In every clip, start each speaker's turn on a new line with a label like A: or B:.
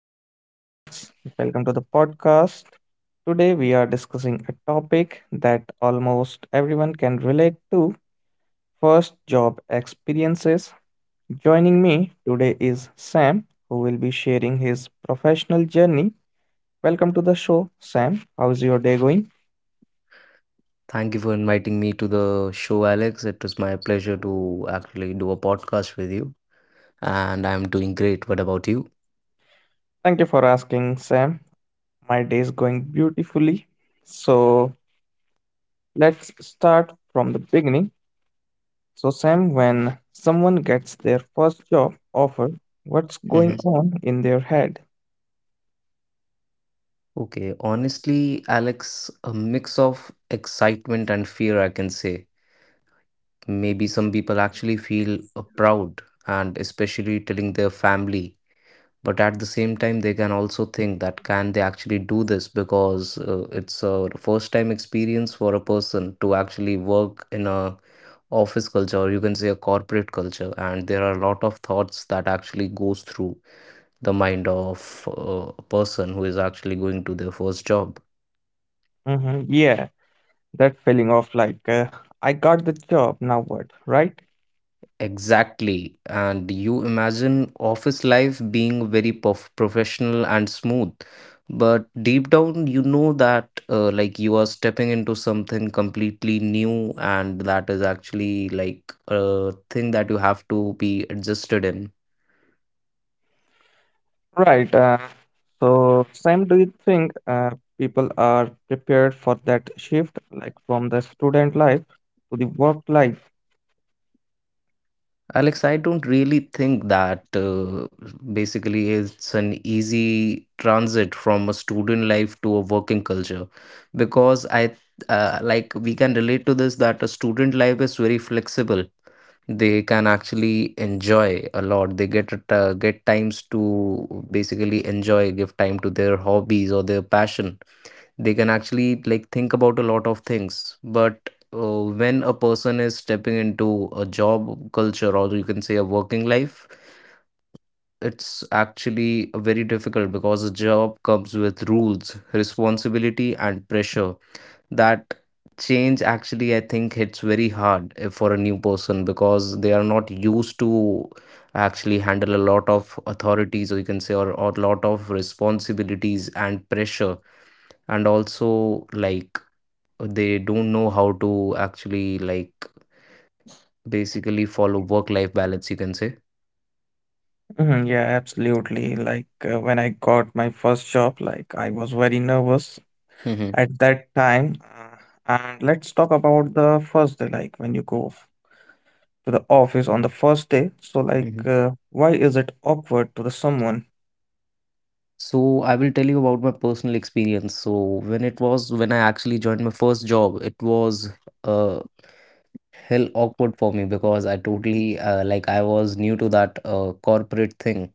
A: host, Alex. Welcome to the podcast. Today, we are discussing a topic that almost everyone can relate to: first job experiences. Joining me today is Sam, who will be sharing his professional journey. Welcome to the show, Sam. How's your day going?
B: Thank you for inviting me to the show, Alex. It was my pleasure to actually do a podcast with you, and I'm doing great. What about you?
A: Thank you for asking, Sam. My day is going beautifully. So, let's start from the beginning. So, Sam, when someone gets their first job offer, what's
B: hmm
A: going on in their head?
B: Okay, honestly, Alex, a mix of excitement and fear, I can say. Maybe some people actually feel proud and especially telling their family, but at the same time, they can also think that can they actually do this because it's a first time experience for a person to actually work in a office culture, or you can say a corporate culture, and there are a lot of thoughts that actually goes through the mind of a person who is actually going to their first job.
A: Yeah, that feeling of like, I got the job, now what, right?
B: Exactly, and you imagine office life being very professional and smooth, but deep down you know that like you are stepping into something completely new, and that is actually like a thing that you have to be adjusted in.
A: Right. So, Sam, do you think people are prepared for that shift, like from the student life to the work life?
B: Alex, I don't really think that basically it's an easy transit from a student life to a working culture because I like we can relate to this that a student life is very flexible. They can actually enjoy a lot. They get it, get times to basically enjoy, give time to their hobbies or their passion. They can actually like think about a lot of things, but when a person is stepping into a job culture, or you can say a working life, it's actually very difficult because a job comes with rules, responsibility and pressure. That change actually, I think, hits very hard for a new person because they are not used to actually handle a lot of authorities, or you can say or a lot of responsibilities and pressure. And also like they don't know how to actually like basically follow work life balance, you can say.
A: Mhm, yeah, absolutely. Like when I got my first job, like I was very nervous
B: Mm-hmm.
A: at that time. And let's talk about the first day, like when you to the office on the first day. So,
B: Mm-hmm.
A: why is it awkward to the someone?
B: So I will tell you about my personal experience. So when it was when I actually joined my first job, it was uh hell awkward for me because I totally like I was new to that corporate thing,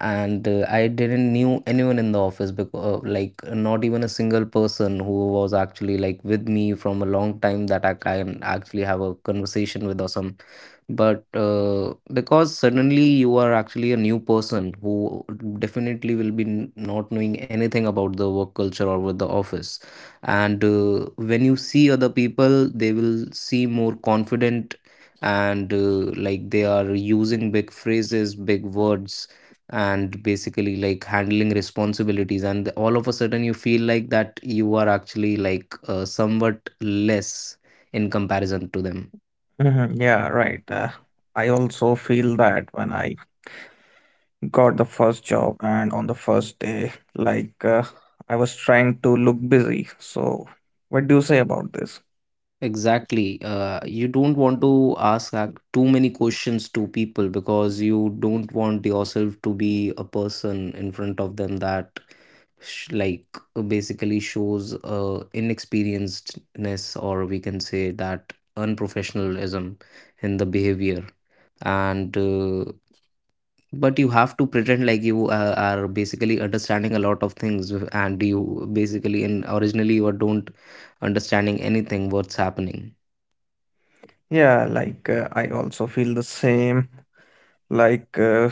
B: and I didn't knew anyone in the office because like not even a single person who was actually like with me from a long time that I can actually have a conversation with or some. But because suddenly you are actually a new person who definitely will be not knowing anything about the work culture or with the office, and when you see other people, they will seem more confident, and like they are using big phrases, big words, and basically like handling responsibilities, and all of a sudden you feel like that you are actually like somewhat less in comparison to them.
A: Mhm, yeah, right. I also feel that when I got the first job and on the first day, I was trying to look busy. So, what do you say about this?
B: Exactly, you don't want to ask too many questions to people because you don't want yourself to be a person in front of them that like basically shows inexperiencedness, or we can say that unprofessionalism in the behavior. And But you have to pretend like you are basically understanding a lot of things, and you basically in originally you don't understanding anything what's happening.
A: Yeah, I also feel the same. Like, uh,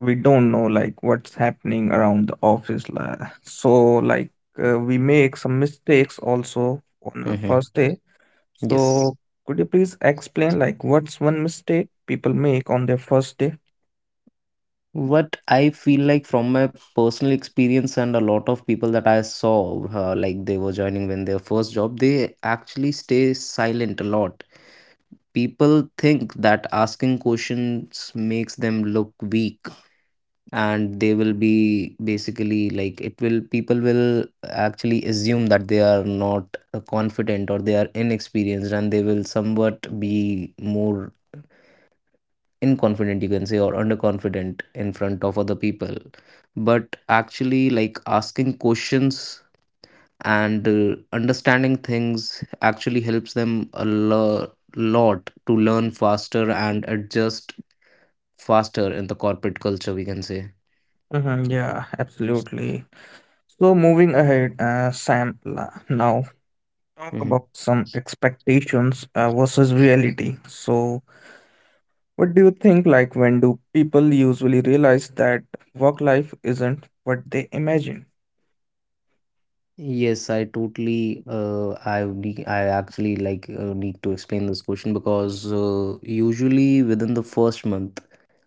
A: we don't know like what's happening around the office, so like we make some mistakes also on our
B: Hmm.
A: first day,
B: Yes.
A: so could you please explain, like, what's one mistake people make on their first day?
B: What I feel like from my personal experience and a lot of people that I saw, like they were joining when their first job, they actually stay silent a lot. People think that asking questions makes them look weak, and they will be basically like it will people will actually assume that they are not confident, or they are inexperienced, and they will somewhat be more inconfident, you can say, or underconfident in front of other people. But actually like asking questions and understanding things actually helps them a lot to learn faster and adjust faster in the corporate culture, we can say.
A: Mhm, yeah, absolutely. So, moving ahead, now talk
B: Hmm.
A: about some expectations versus reality. So what do you think, like, when do people usually realize that work life isn't what they imagine?
B: Yes, I totally. I actually like need to explain this question because usually within the first month,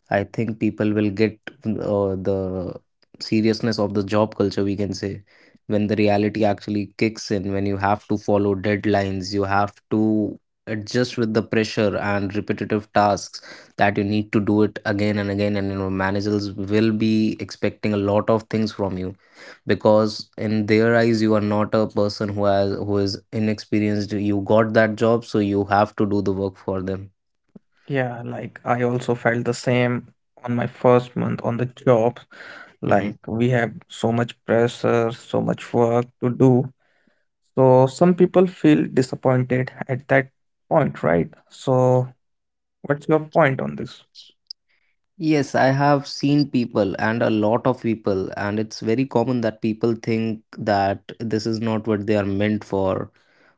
B: I think people will get the seriousness of the job culture, we can say, when the reality actually kicks in, when you have to follow deadlines, you have to adjust with the pressure and repetitive tasks that you need to do it again and again. And you know, managers will be expecting a lot of things from you because in their eyes, you are not a person who has who is inexperienced. You got that job, so you have to do the work for them.
A: Yeah, like I also felt the same on my first month on the job. Like
B: Mm-hmm.
A: we have so much pressure, so much work to do. So some people feel disappointed at that point, right? So what's your point on this?
B: Yes, I have seen people and a lot of people, and it's very common that people think that this is not what they are meant for,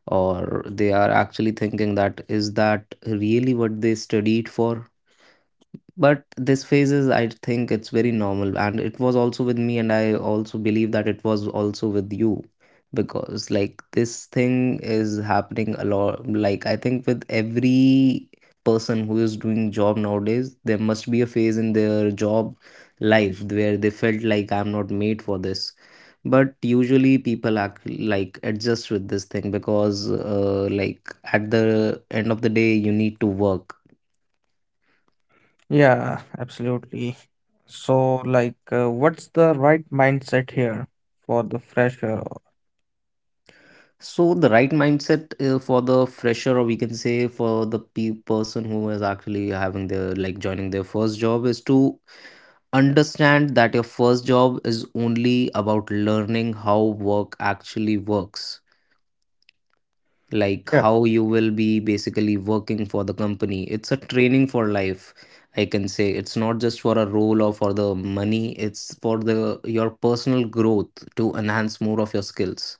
B: or they are actually thinking that is that really what they studied for? But this phase is, I think, it's very normal, and it was also with me, and I also believe that it was also with you, because like this thing is happening a lot, like I think with every person who is doing job nowadays, there must be a phase in their job life where they felt like I'm not made for this. But usually people act like adjust with this thing because like at the end of the day, you need to work.
A: Yeah, absolutely. So, like, what's the right mindset here for the fresher?
B: So the right mindset for the fresher, or we can say for the pe person who is actually having their like joining their first job, is to understand that your first job is only about learning how work actually works, like how you will be basically working for the company. It's a training for life, I can say. It's not just for a role or for the money, it's for the your personal growth to enhance more of your skills.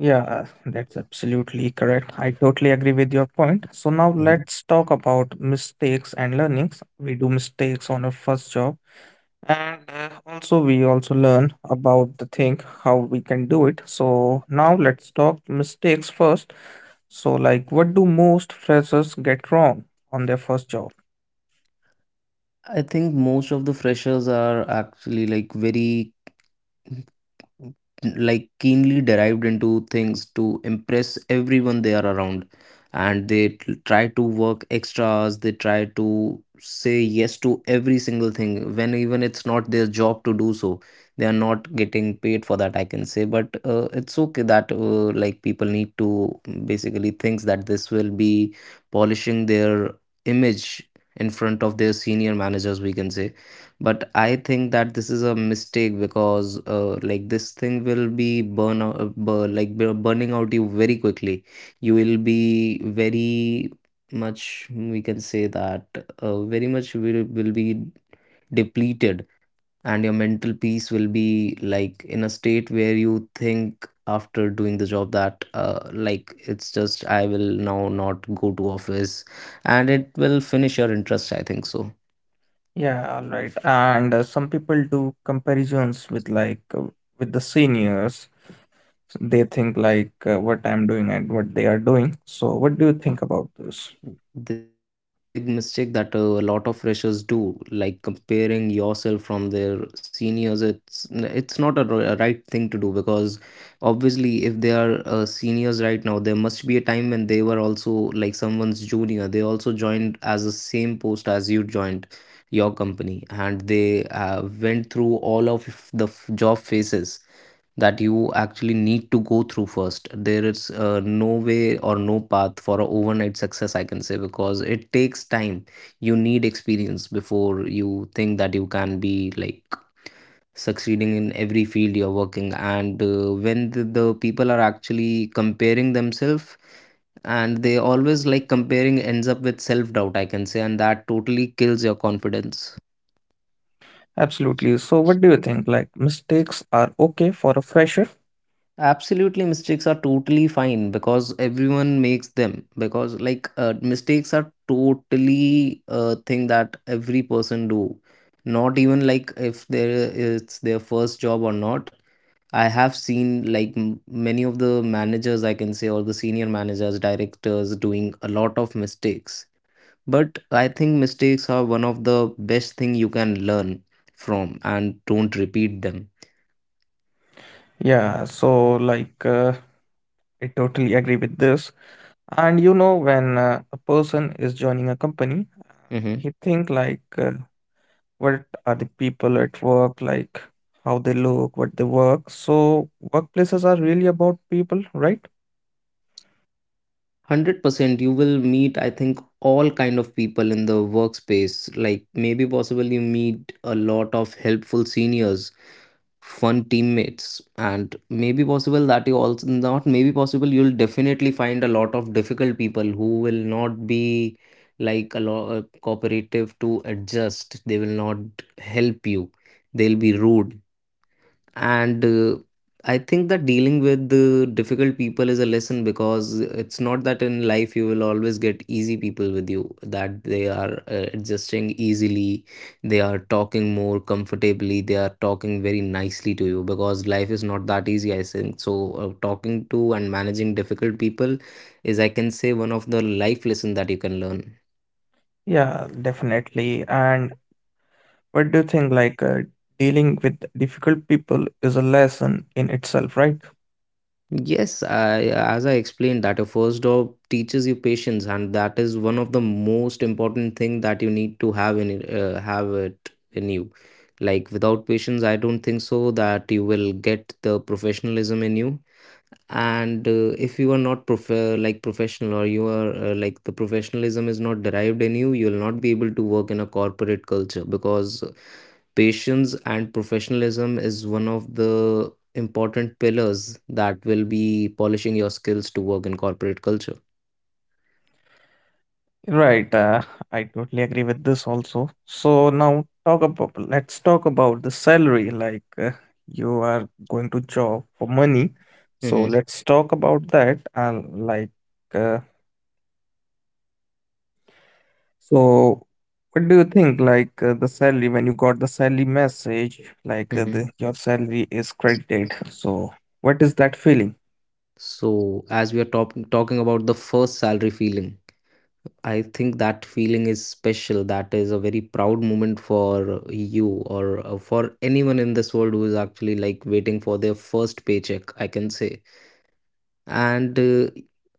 A: Yeah, that's absolutely correct. I totally agree with your point. So now let's talk about mistakes and learnings. We do mistakes on our first job, and also we also learn about the thing how we can do it. So now let's talk mistakes first. So, like, what do most freshers get wrong on their first job?
B: I think most of the freshers are actually like very like keenly derived into things to impress everyone they are around, and they try to work extras, they try to say yes to every single thing when even it's not their job to do so. They are not getting paid for that, I can say. But it's okay that like people need to basically thinks that this will be polishing their image in front of their senior managers, we can say. But I think that this is a mistake because like this thing will be burn out, burning out you very quickly. You will be very much, we can say that very much will be depleted, and your mental peace will be like in a state where you think after doing the job that like it's just I will now not go to office, and it will finish your interest, I think so.
A: Yeah, all right. And some people do comparisons with like with the seniors. So they think like, what I'm doing and what they are doing. So what do you think about this?
B: This is a very big mistake that a lot of freshers do, like comparing yourself from their seniors. It's not a, a right thing to do because obviously, if they are seniors right now, there must be a time when they were also like someone's junior. They also joined as the same post as you joined your company, and they went through all of the job phases that you actually need to go through first. There is no way or no path for a overnight success, I can say, because it takes time. You need experience before you think that you can be like succeeding in every field you're working. And when the people are actually comparing themselves, and they always like comparing ends up with self doubt, I can say, and that totally kills your confidence.
A: Absolutely. So what do you think, like, mistakes are okay for a fresher?
B: Absolutely mistakes are totally fine because everyone makes them, because like mistakes are totally a thing that every person do, not even like if there it's their first job or not. I have seen like many of the managers, I can say, or the senior managers, directors, doing a lot of mistakes. But I think mistakes are one of the best thing you can learn from, and don't repeat them.
A: Yeah, so like, I totally agree with this. And you know, when a person is joining a company,
B: Mm-hmm.
A: he think like, what are the people at work like, how they look, what they work? So workplaces are really about people, right?
B: 100% you will meet, I think, all kind of people in the workspace. Like maybe possible you meet a lot of helpful seniors, fun teammates, and maybe possible that you also not maybe possible you'll definitely find a lot of difficult people who will not be like a lot cooperative to adjust. They will not help you. They'll be rude. And I think that dealing with the difficult people is a lesson because it's not that in life you will always get easy people with you that they are adjusting easily. They are talking more comfortably, they are talking very nicely to you because life is not that easy, I think. So talking to and managing difficult people is, I can say, one of the life lesson that you can learn.
A: Yeah, definitely. And what do you think? Like dealing with difficult people is a lesson in itself, right?
B: Yes, I, as I explained that a first job teaches you patience, and that is one of the most important thing that you need to have in have it in you. Like without patience, I don't think so that you will get the professionalism in you and if you are not like professional, or you are like the professionalism is not derived in you, you will not be able to work in a corporate culture because patience and professionalism is one of the important pillars that will be polishing your skills to work in corporate culture.
A: Right. I totally agree with this also. So now talk about, let's talk about the salary. Like you are going to job for money. So
B: Mm-hmm.
A: let's talk about that. And like uh, so, what do you think? Like, the salary, when you got the salary message, like,
B: Mm-hmm.
A: your salary is credited. So what is that feeling?
B: So as we are talking about the first salary feeling, I think that feeling is special. That is a very proud moment for you or for anyone in this world who is actually like waiting for their first paycheck, I can say. And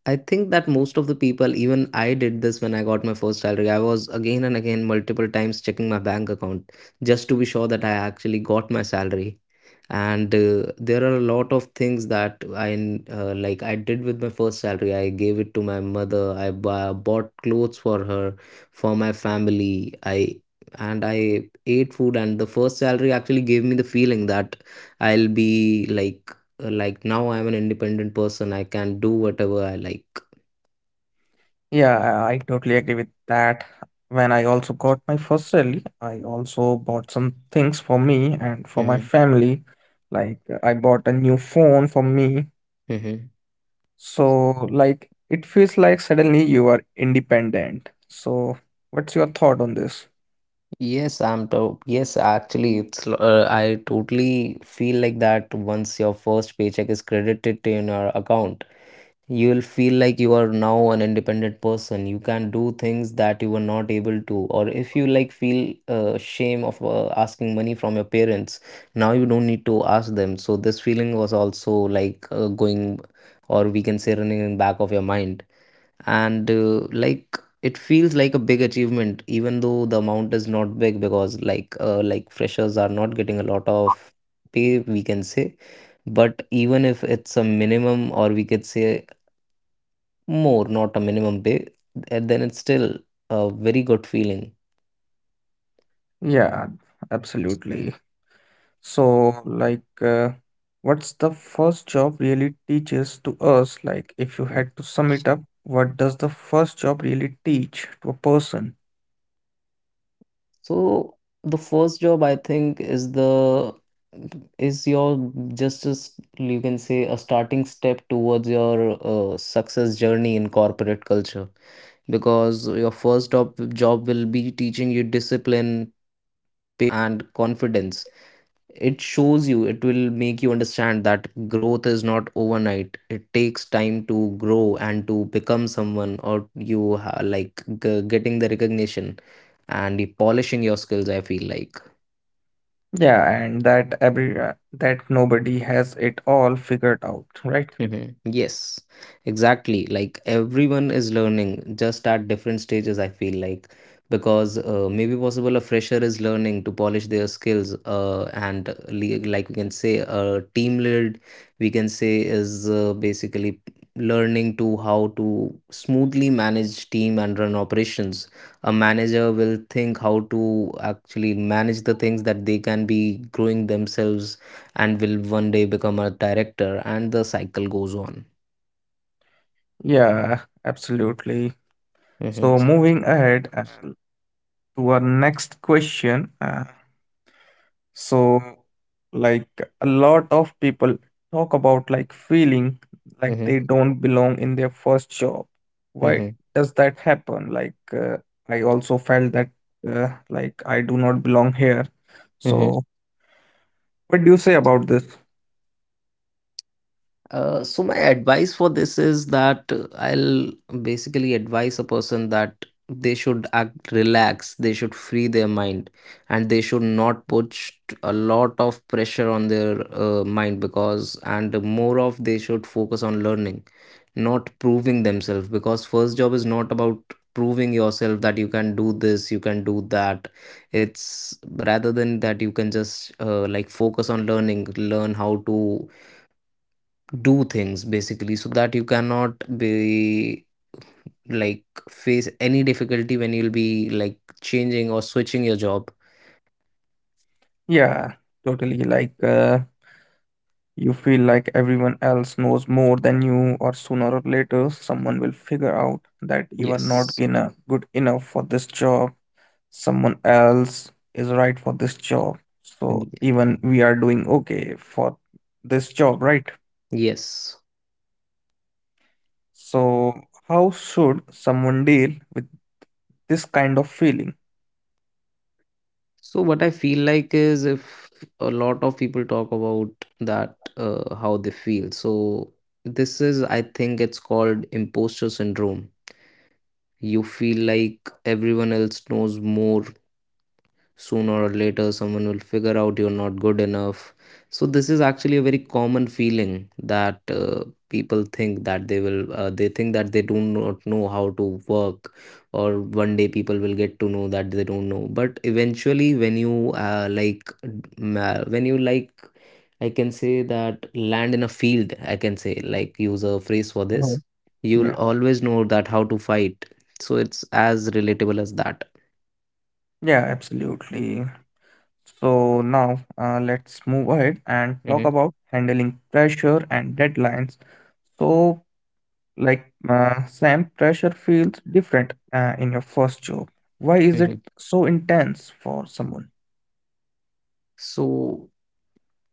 B: I think that most of the people, even I did this when I got my first salary. I was again and again multiple times checking my bank account just to be sure that I actually got my salary, and there are a lot of things that I like I did with my first salary. I gave it to my mother, I bought clothes for her, for my family, I and I ate food. And the first salary actually gave me the feeling that I'll be like, like now I'm an independent person, I can do whatever I like.
A: Yeah, I totally agree with that. When I also got my first salary, I also bought some things for me and for my
B: Mhm,
A: family. Like I bought a new phone for me.
B: mhm.
A: So like it feels like suddenly you are independent. So what's your thought on this?
B: Yes, I'm to yes, actually, it's I totally feel like that once your first paycheck is credited in your account, you will feel like you are now an independent person, you can do things that you were not able to, or if you like feel shame of asking money from your parents, now you don't need to ask them. So this feeling was also like going, or we can say running in back of your mind, and like it feels like a big achievement even though the amount is not big, because like freshers are not getting a lot of pay, we can say. But even if it's a minimum, or we could say more, not a minimum pay, and then it's still a very good feeling.
A: Yeah, absolutely. So like, what's the first job really teaches to us? Like if you
B: Yeah.
A: had to sum it up, what does the first job really teach to a person?
B: So the first job, I think, is the is your just, as you can say, a starting step towards your success journey in corporate culture, because your first job will be teaching you discipline, patience, and confidence. It shows you, it will make you understand that growth is not overnight, it takes time to grow and to become someone, or you like getting the recognition and the polishing your skills, I feel like.
A: Yeah, and that every that nobody has it all figured out, right?
B: Mhm. Yes, exactly. Like everyone is learning just at different stages, I feel like. Because maybe possible a fresher is learning to polish their skills, and like we can say, a team lead, we can say, is basically learning to how to smoothly manage team and run operations. A manager will think how to actually manage the things that they can be growing themselves, and will one day become a director, and the cycle goes on.
A: Yeah, absolutely.
B: Mhm,
A: So moving ahead, to our next question. So like a lot of people talk about like feeling like
B: mhm,
A: they don't belong in their first job. Why
B: mhm,
A: does that happen? Like I also felt that like I do not belong here.
B: mhm.
A: So what do you say about this?
B: So my advice for this is that I'll basically advise a person that they should act relax, they should free their mind, and they should not put a lot of pressure on their mind, because and more of they should focus on learning, not proving themselves, because first job is not about proving yourself that you can do this, you can do that. It's rather than that, you can just like focus on learning, learn how to do things basically, so that you cannot be like face any difficulty when you'll be like changing or switching your job.
A: Yeah, totally. Like you feel like everyone else knows more than you, or sooner or later, someone will figure out that you are not
B: Yes.
A: going good enough for this job. Someone else is right for this job. So
B: Ye-
A: even we are doing okay for this job, right?
B: yes.
A: So how should someone deal with this kind of feeling?
B: So what I feel like is, if a lot of people talk about that how they feel. So this is, I think, it's called imposter syndrome. You feel like everyone else knows more, sooner or later someone will figure out you're not good enough. So this is actually a very common feeling that people think that they will they think that they do not know how to work, or one day people will get to know that they don't know. But eventually when you like when you like, I can say, that land in a field, I can say, like use a phrase for this,
A: Mhm.
B: you'll
A: Yeah,
B: always know that how to fight. So it's as relatable as that.
A: yeah, absolutely. So now let's move ahead and talk
B: Hmm.
A: about handling pressure and deadlines. So like, Sam, pressure feels different in your first job. Why is it
B: Hmm.
A: so intense for someone?
B: So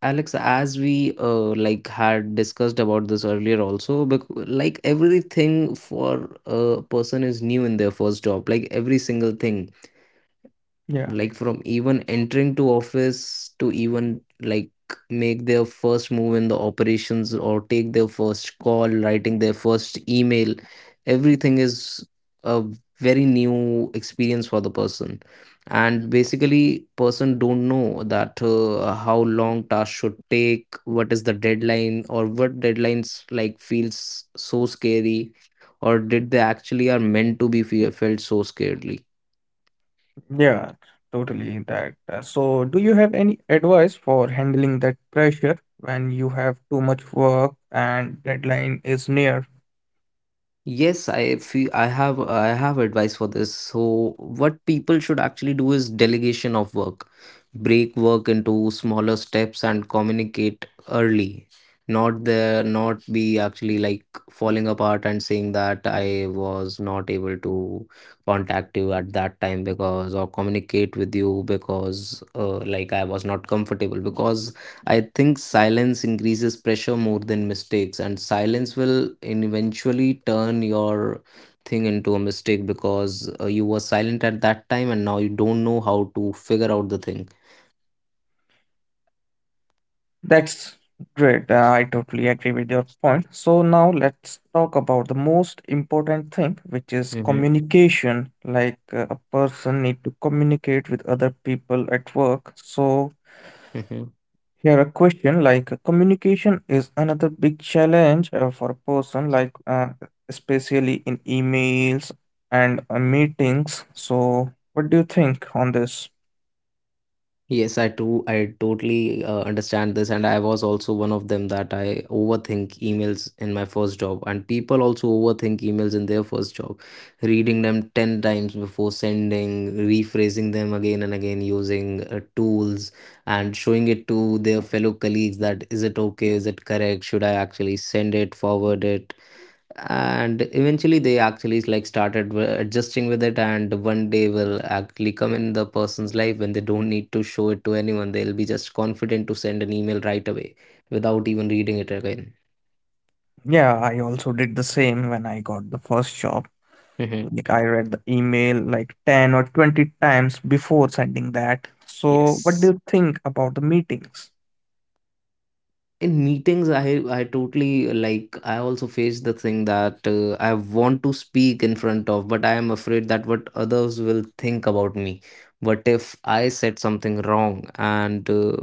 B: Alex, as we like had discussed about this earlier also, like everything for a person is new in their first job, like every single thing,
A: Yeah,
B: like from even entering to office to even like make their first move in the operations, or take their first call, writing their first email, everything is a very new experience for the person. And basically person don't know that how long task should take, what is the deadline, or what deadlines like feels so scary, or did they actually are meant to be felt so scaredly.
A: yeah, totally that. So, do you have any advice for handling that pressure when you have too much work and deadline is near?
B: Yes, I feel I have advice for this. So what people should actually do is delegation of work. Break work into smaller steps and communicate early. Not there not be actually like falling apart and saying that I was not able to contact you at that time because, or communicate with you because like I was not comfortable, because I think silence increases pressure more than mistakes, and silence will eventually turn your thing into a mistake, because you were silent at that time and now you don't know how to figure out the thing.
A: That's great. I totally agree with your point. So now let's talk about the most important thing, which is
B: Mm-hmm.
A: communication. Like a person need to communicate with other people at work. So here a question, like communication is another big challenge for a person, like especially in emails and meetings. So what do you think on this?
B: Yes, I totally understand this, and I was also one of them that I overthink emails in my first job, and people also overthink emails in their first job, reading them 10 times before sending, rephrasing them again and again using tools, and showing it to their fellow colleagues that is it okay, is it correct, should I actually send it, forward it, and eventually they actually like started adjusting with it, and one day will actually come in the person's life when they don't need to show it to anyone, they'll be just confident to send an email right away without even reading it again.
A: Yeah, I also did the same when I got the first job.
B: Hmm.
A: Like I read the email like 10 or 20 times before sending that. So what do
B: Yes.
A: you think about the meetings?
B: In meetings I totally like I also face the thing that I want to speak in front of, but I am afraid that what others will think about me, what if I said something wrong, and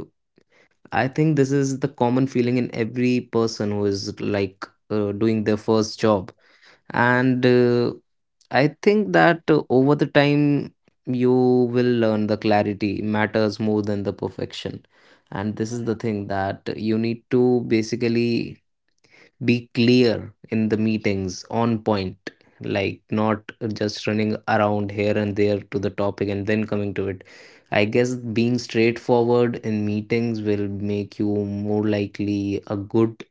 B: I think this is the common feeling in every person who is like doing their first job. And I think that over the time, you will learn the clarity matters more than the perfection. And this is the thing that you need to basically be clear in the meetings, on point, like not just running around here and there to the topic and then coming to it, I guess. Being straightforward in meetings will make you more likely a good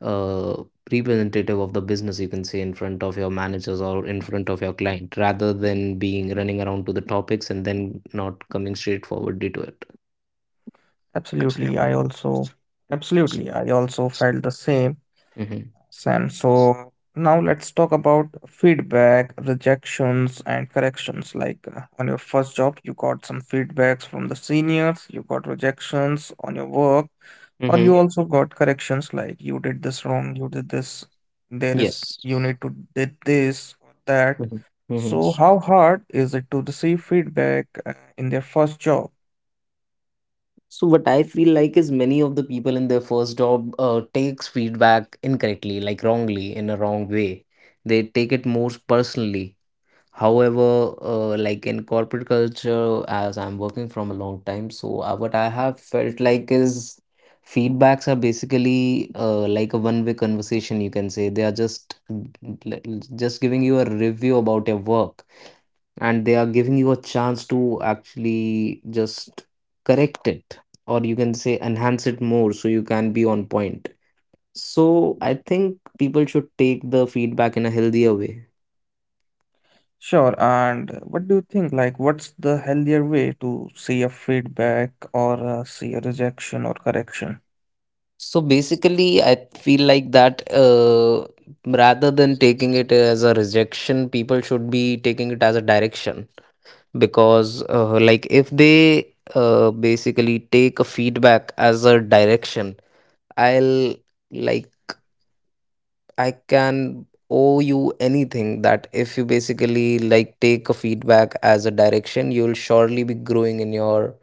B: uh, representative of the business, you can say, in front of your managers or in front of your client, rather than being running around to the topics and then not coming straightforwardly to it.
A: Absolutely, I also Absolutely, I also felt the same,
B: Mm-hmm.
A: Sam. So now let's talk about feedback, rejections, and corrections. Like on your first job, you got some feedbacks from the seniors, you got rejections on your work, or you
B: Mm-hmm.
A: also got corrections, like you did this wrong, you did this, there is
B: Yes.
A: you need to did this or that.
B: Mm-hmm.
A: So how hard is it to receive feedback in their first job?
B: So what I feel like is many of the people in their first job takes feedback incorrectly, like wrongly, in a wrong way. They take it more personally. However, like in corporate culture, as I'm working from a long time, so what I have felt like is, feedbacks are basically like a one-way conversation, you can say. They are just giving you a review about your work, and they are giving you a chance to actually just correct it, or you can say enhance it more so you can be on point. So I think people should take the feedback in a healthier way.
A: Sure. And what do you think, like, what's the healthier way to see a feedback or see a rejection or correction?
B: So basically I feel like that rather than taking it as a rejection, people should be taking it as a direction, because like if they basically take a feedback as a direction, I'll like I can owe you anything that if you basically like take a feedback as a direction, you'll surely be growing in your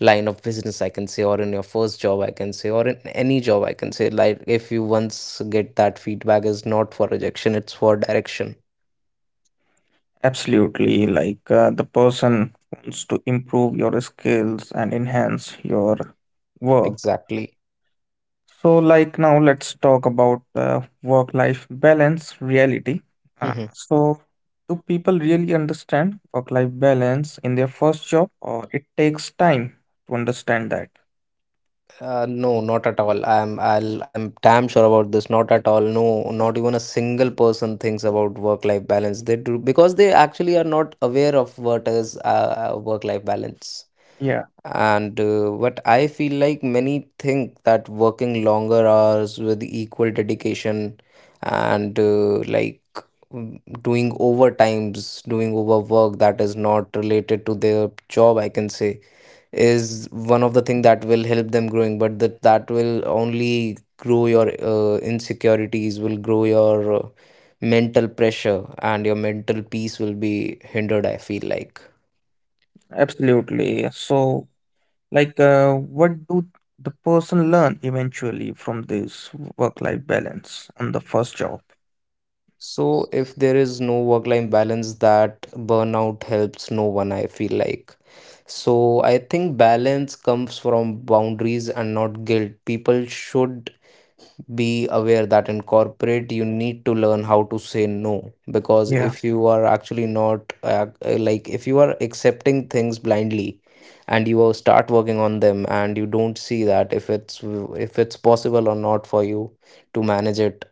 B: line of business, I can say, or in your first job, I can say, or in any job, I can say. Like, if you once get that feedback, is not for rejection, it's for direction.
A: Absolutely. Like the person wants to improve your skills and enhance your work.
B: Exactly.
A: So, like, now, let's talk about work life balance reality. Uh,
B: Mhm.
A: so, do people really understand work life balance in their first job, or it takes time to understand that?
B: No, not at all. I'm damn sure about this. Not at all. No, not even a single person thinks about work-life balance. They do because they actually are not aware of what is work-life balance.
A: Yeah,
B: And but I feel like many think that working longer hours with equal dedication and doing overtimes, doing overwork that is not related to their job, I can say, is one of the thing that will help them growing. But that will only grow your insecurities, will grow your mental pressure, and your mental peace will be hindered, I feel like.
A: absolutely. So, like, what do the person learn eventually from this work life balance on the first job?
B: So if there is no work life balance, that burnout helps no one, I feel like. So I think balance comes from boundaries and not guilt. People should be aware that in corporate you need to learn how to say no, because
A: Yeah,
B: if you are actually not like, if you are accepting things blindly and you will start working on them and you don't see that if it's possible or not for you to manage it,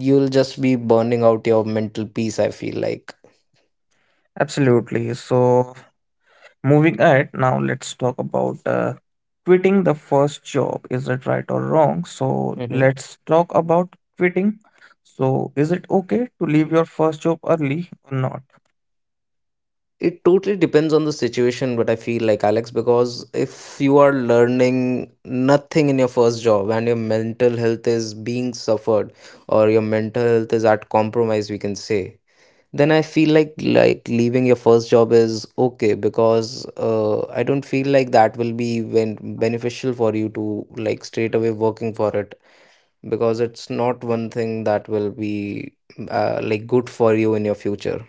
B: you'll just be burning out your mental peace, I feel like.
A: absolutely. So, moving ahead, now let's talk about quitting the first job. Is it right or wrong? So let's talk about quitting. So is it okay to leave your first job early or not?
B: It totally depends on the situation, but I feel like, Alex, because if you are learning nothing in your first job and your mental health is being suffered or your mental health is at compromise, we can say, then I feel like leaving your first job is okay, because I don't feel like that will be when beneficial for you to like straight away working for it, because it's not one thing that will be like good for you in your future.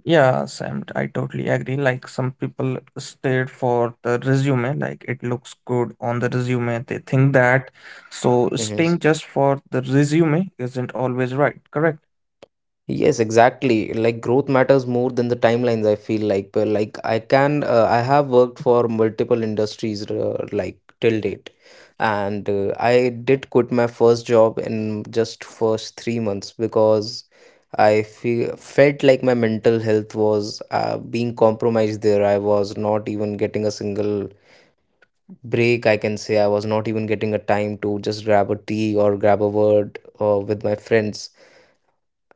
A: Yeah, Sam, I totally agree. Like some people stayed for the resume, like it looks good on the resume. They think that. So
B: Mhm.
A: staying just for the resume isn't always right, correct?
B: Yes, exactly. Like growth matters more than the timelines, I feel like. But like I can, I have worked for multiple industries like till date. And I did quit my first job in just first 3 months, because I feel felt like my mental health was being compromised there. I was not even getting a single break, I can say. I was not even getting a time to just grab a tea or grab a word with my friends,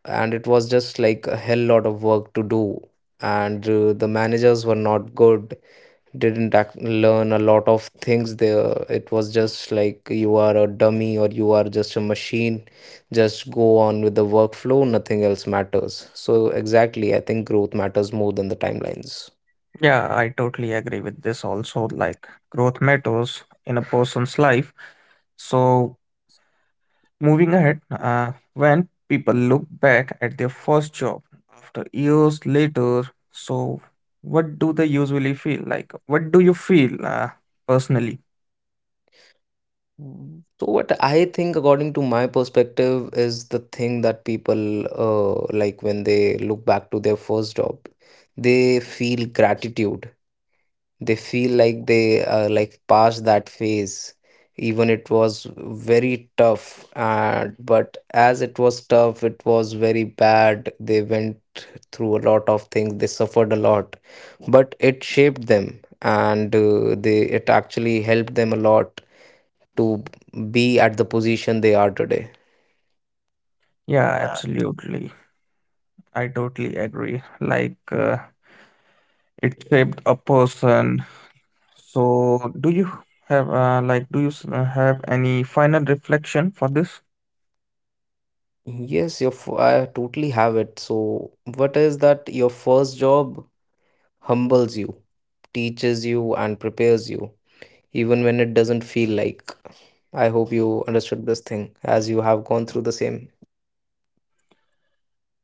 B: and it was just like a hell lot of work to do, and the managers were not good, didn't act- learn a lot of things there. It was just like you are a dummy or you are just a machine, just go on with the workflow, nothing else matters. So exactly, I think growth matters more than the timelines.
A: Yeah, I totally agree with this also. Like, growth matters in a person's life. So, moving ahead, when people look back at their first job after years later, so what do they usually feel? Like, what do you feel personally?
B: Mm. So what I think, according to my perspective, is the thing that people like, when they look back to their first job, they feel gratitude. They feel like they like passed that phase. Even it was very tough, and but as it was tough, it was very bad. They went through a lot of things, they suffered a lot, but it shaped them, and they it actually helped them a lot to be at the position they are today.
A: Yeah, absolutely. I totally agree. Like, it shaped a person. So, do you have, have any final reflection for this?
B: Yes, I totally have it. So what is that? Your first job humbles you, teaches you, and prepares you, even when it doesn't feel like. I hope you understood this thing, as you have gone through the same.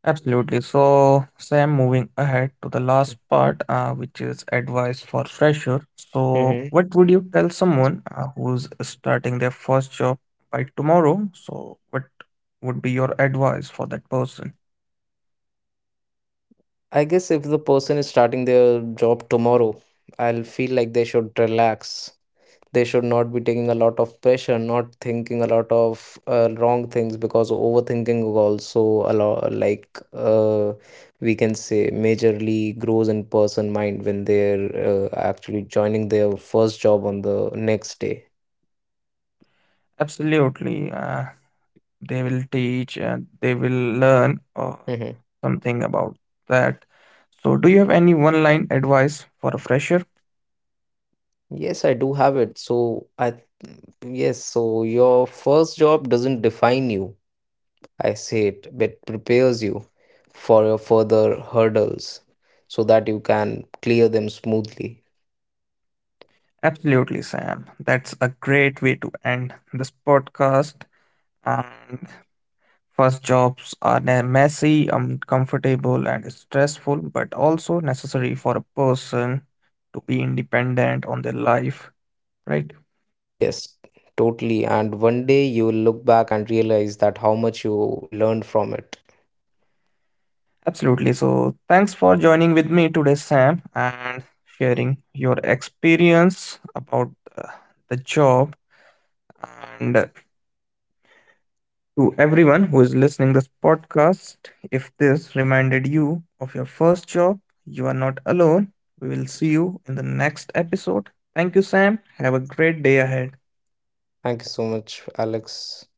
A: Absolutely. So, Sam, moving ahead to the last part, which is advice for fresher. So,
B: Hmm.
A: what would you tell someone who's starting their first job by tomorrow? So, what would be your advice for that person?
B: I guess if the person is starting their job tomorrow, I'll feel like they should relax. They should not be taking a lot of pressure, not thinking a lot of wrong things, because overthinking also a lot like we can say majorly grows in person mind when they're actually joining their first job on the next day.
A: Absolutely. They will teach and they will learn something about that. So, do you have any one line advice for a fresher?
B: Yes, I do have it. So I, yes, so your first job doesn't define you, I say it, but prepares you for your further hurdles so that you can clear them smoothly.
A: Absolutely, Sam. That's a great way to end this podcast. And first jobs are messy, uncomfortable, and stressful, but also necessary for a person to be independent on their life, right?
B: Yes, totally. And one day you will look back and realize that how much you learned from it.
A: Absolutely. So, thanks for joining with me today, Sam, and sharing your experience about the job. And to everyone who is listening this podcast, if this reminded you of your first job, you are not alone. We will see you in the next episode. Thank you, Sam. Have a great day ahead.
B: Thank you so much, Alex.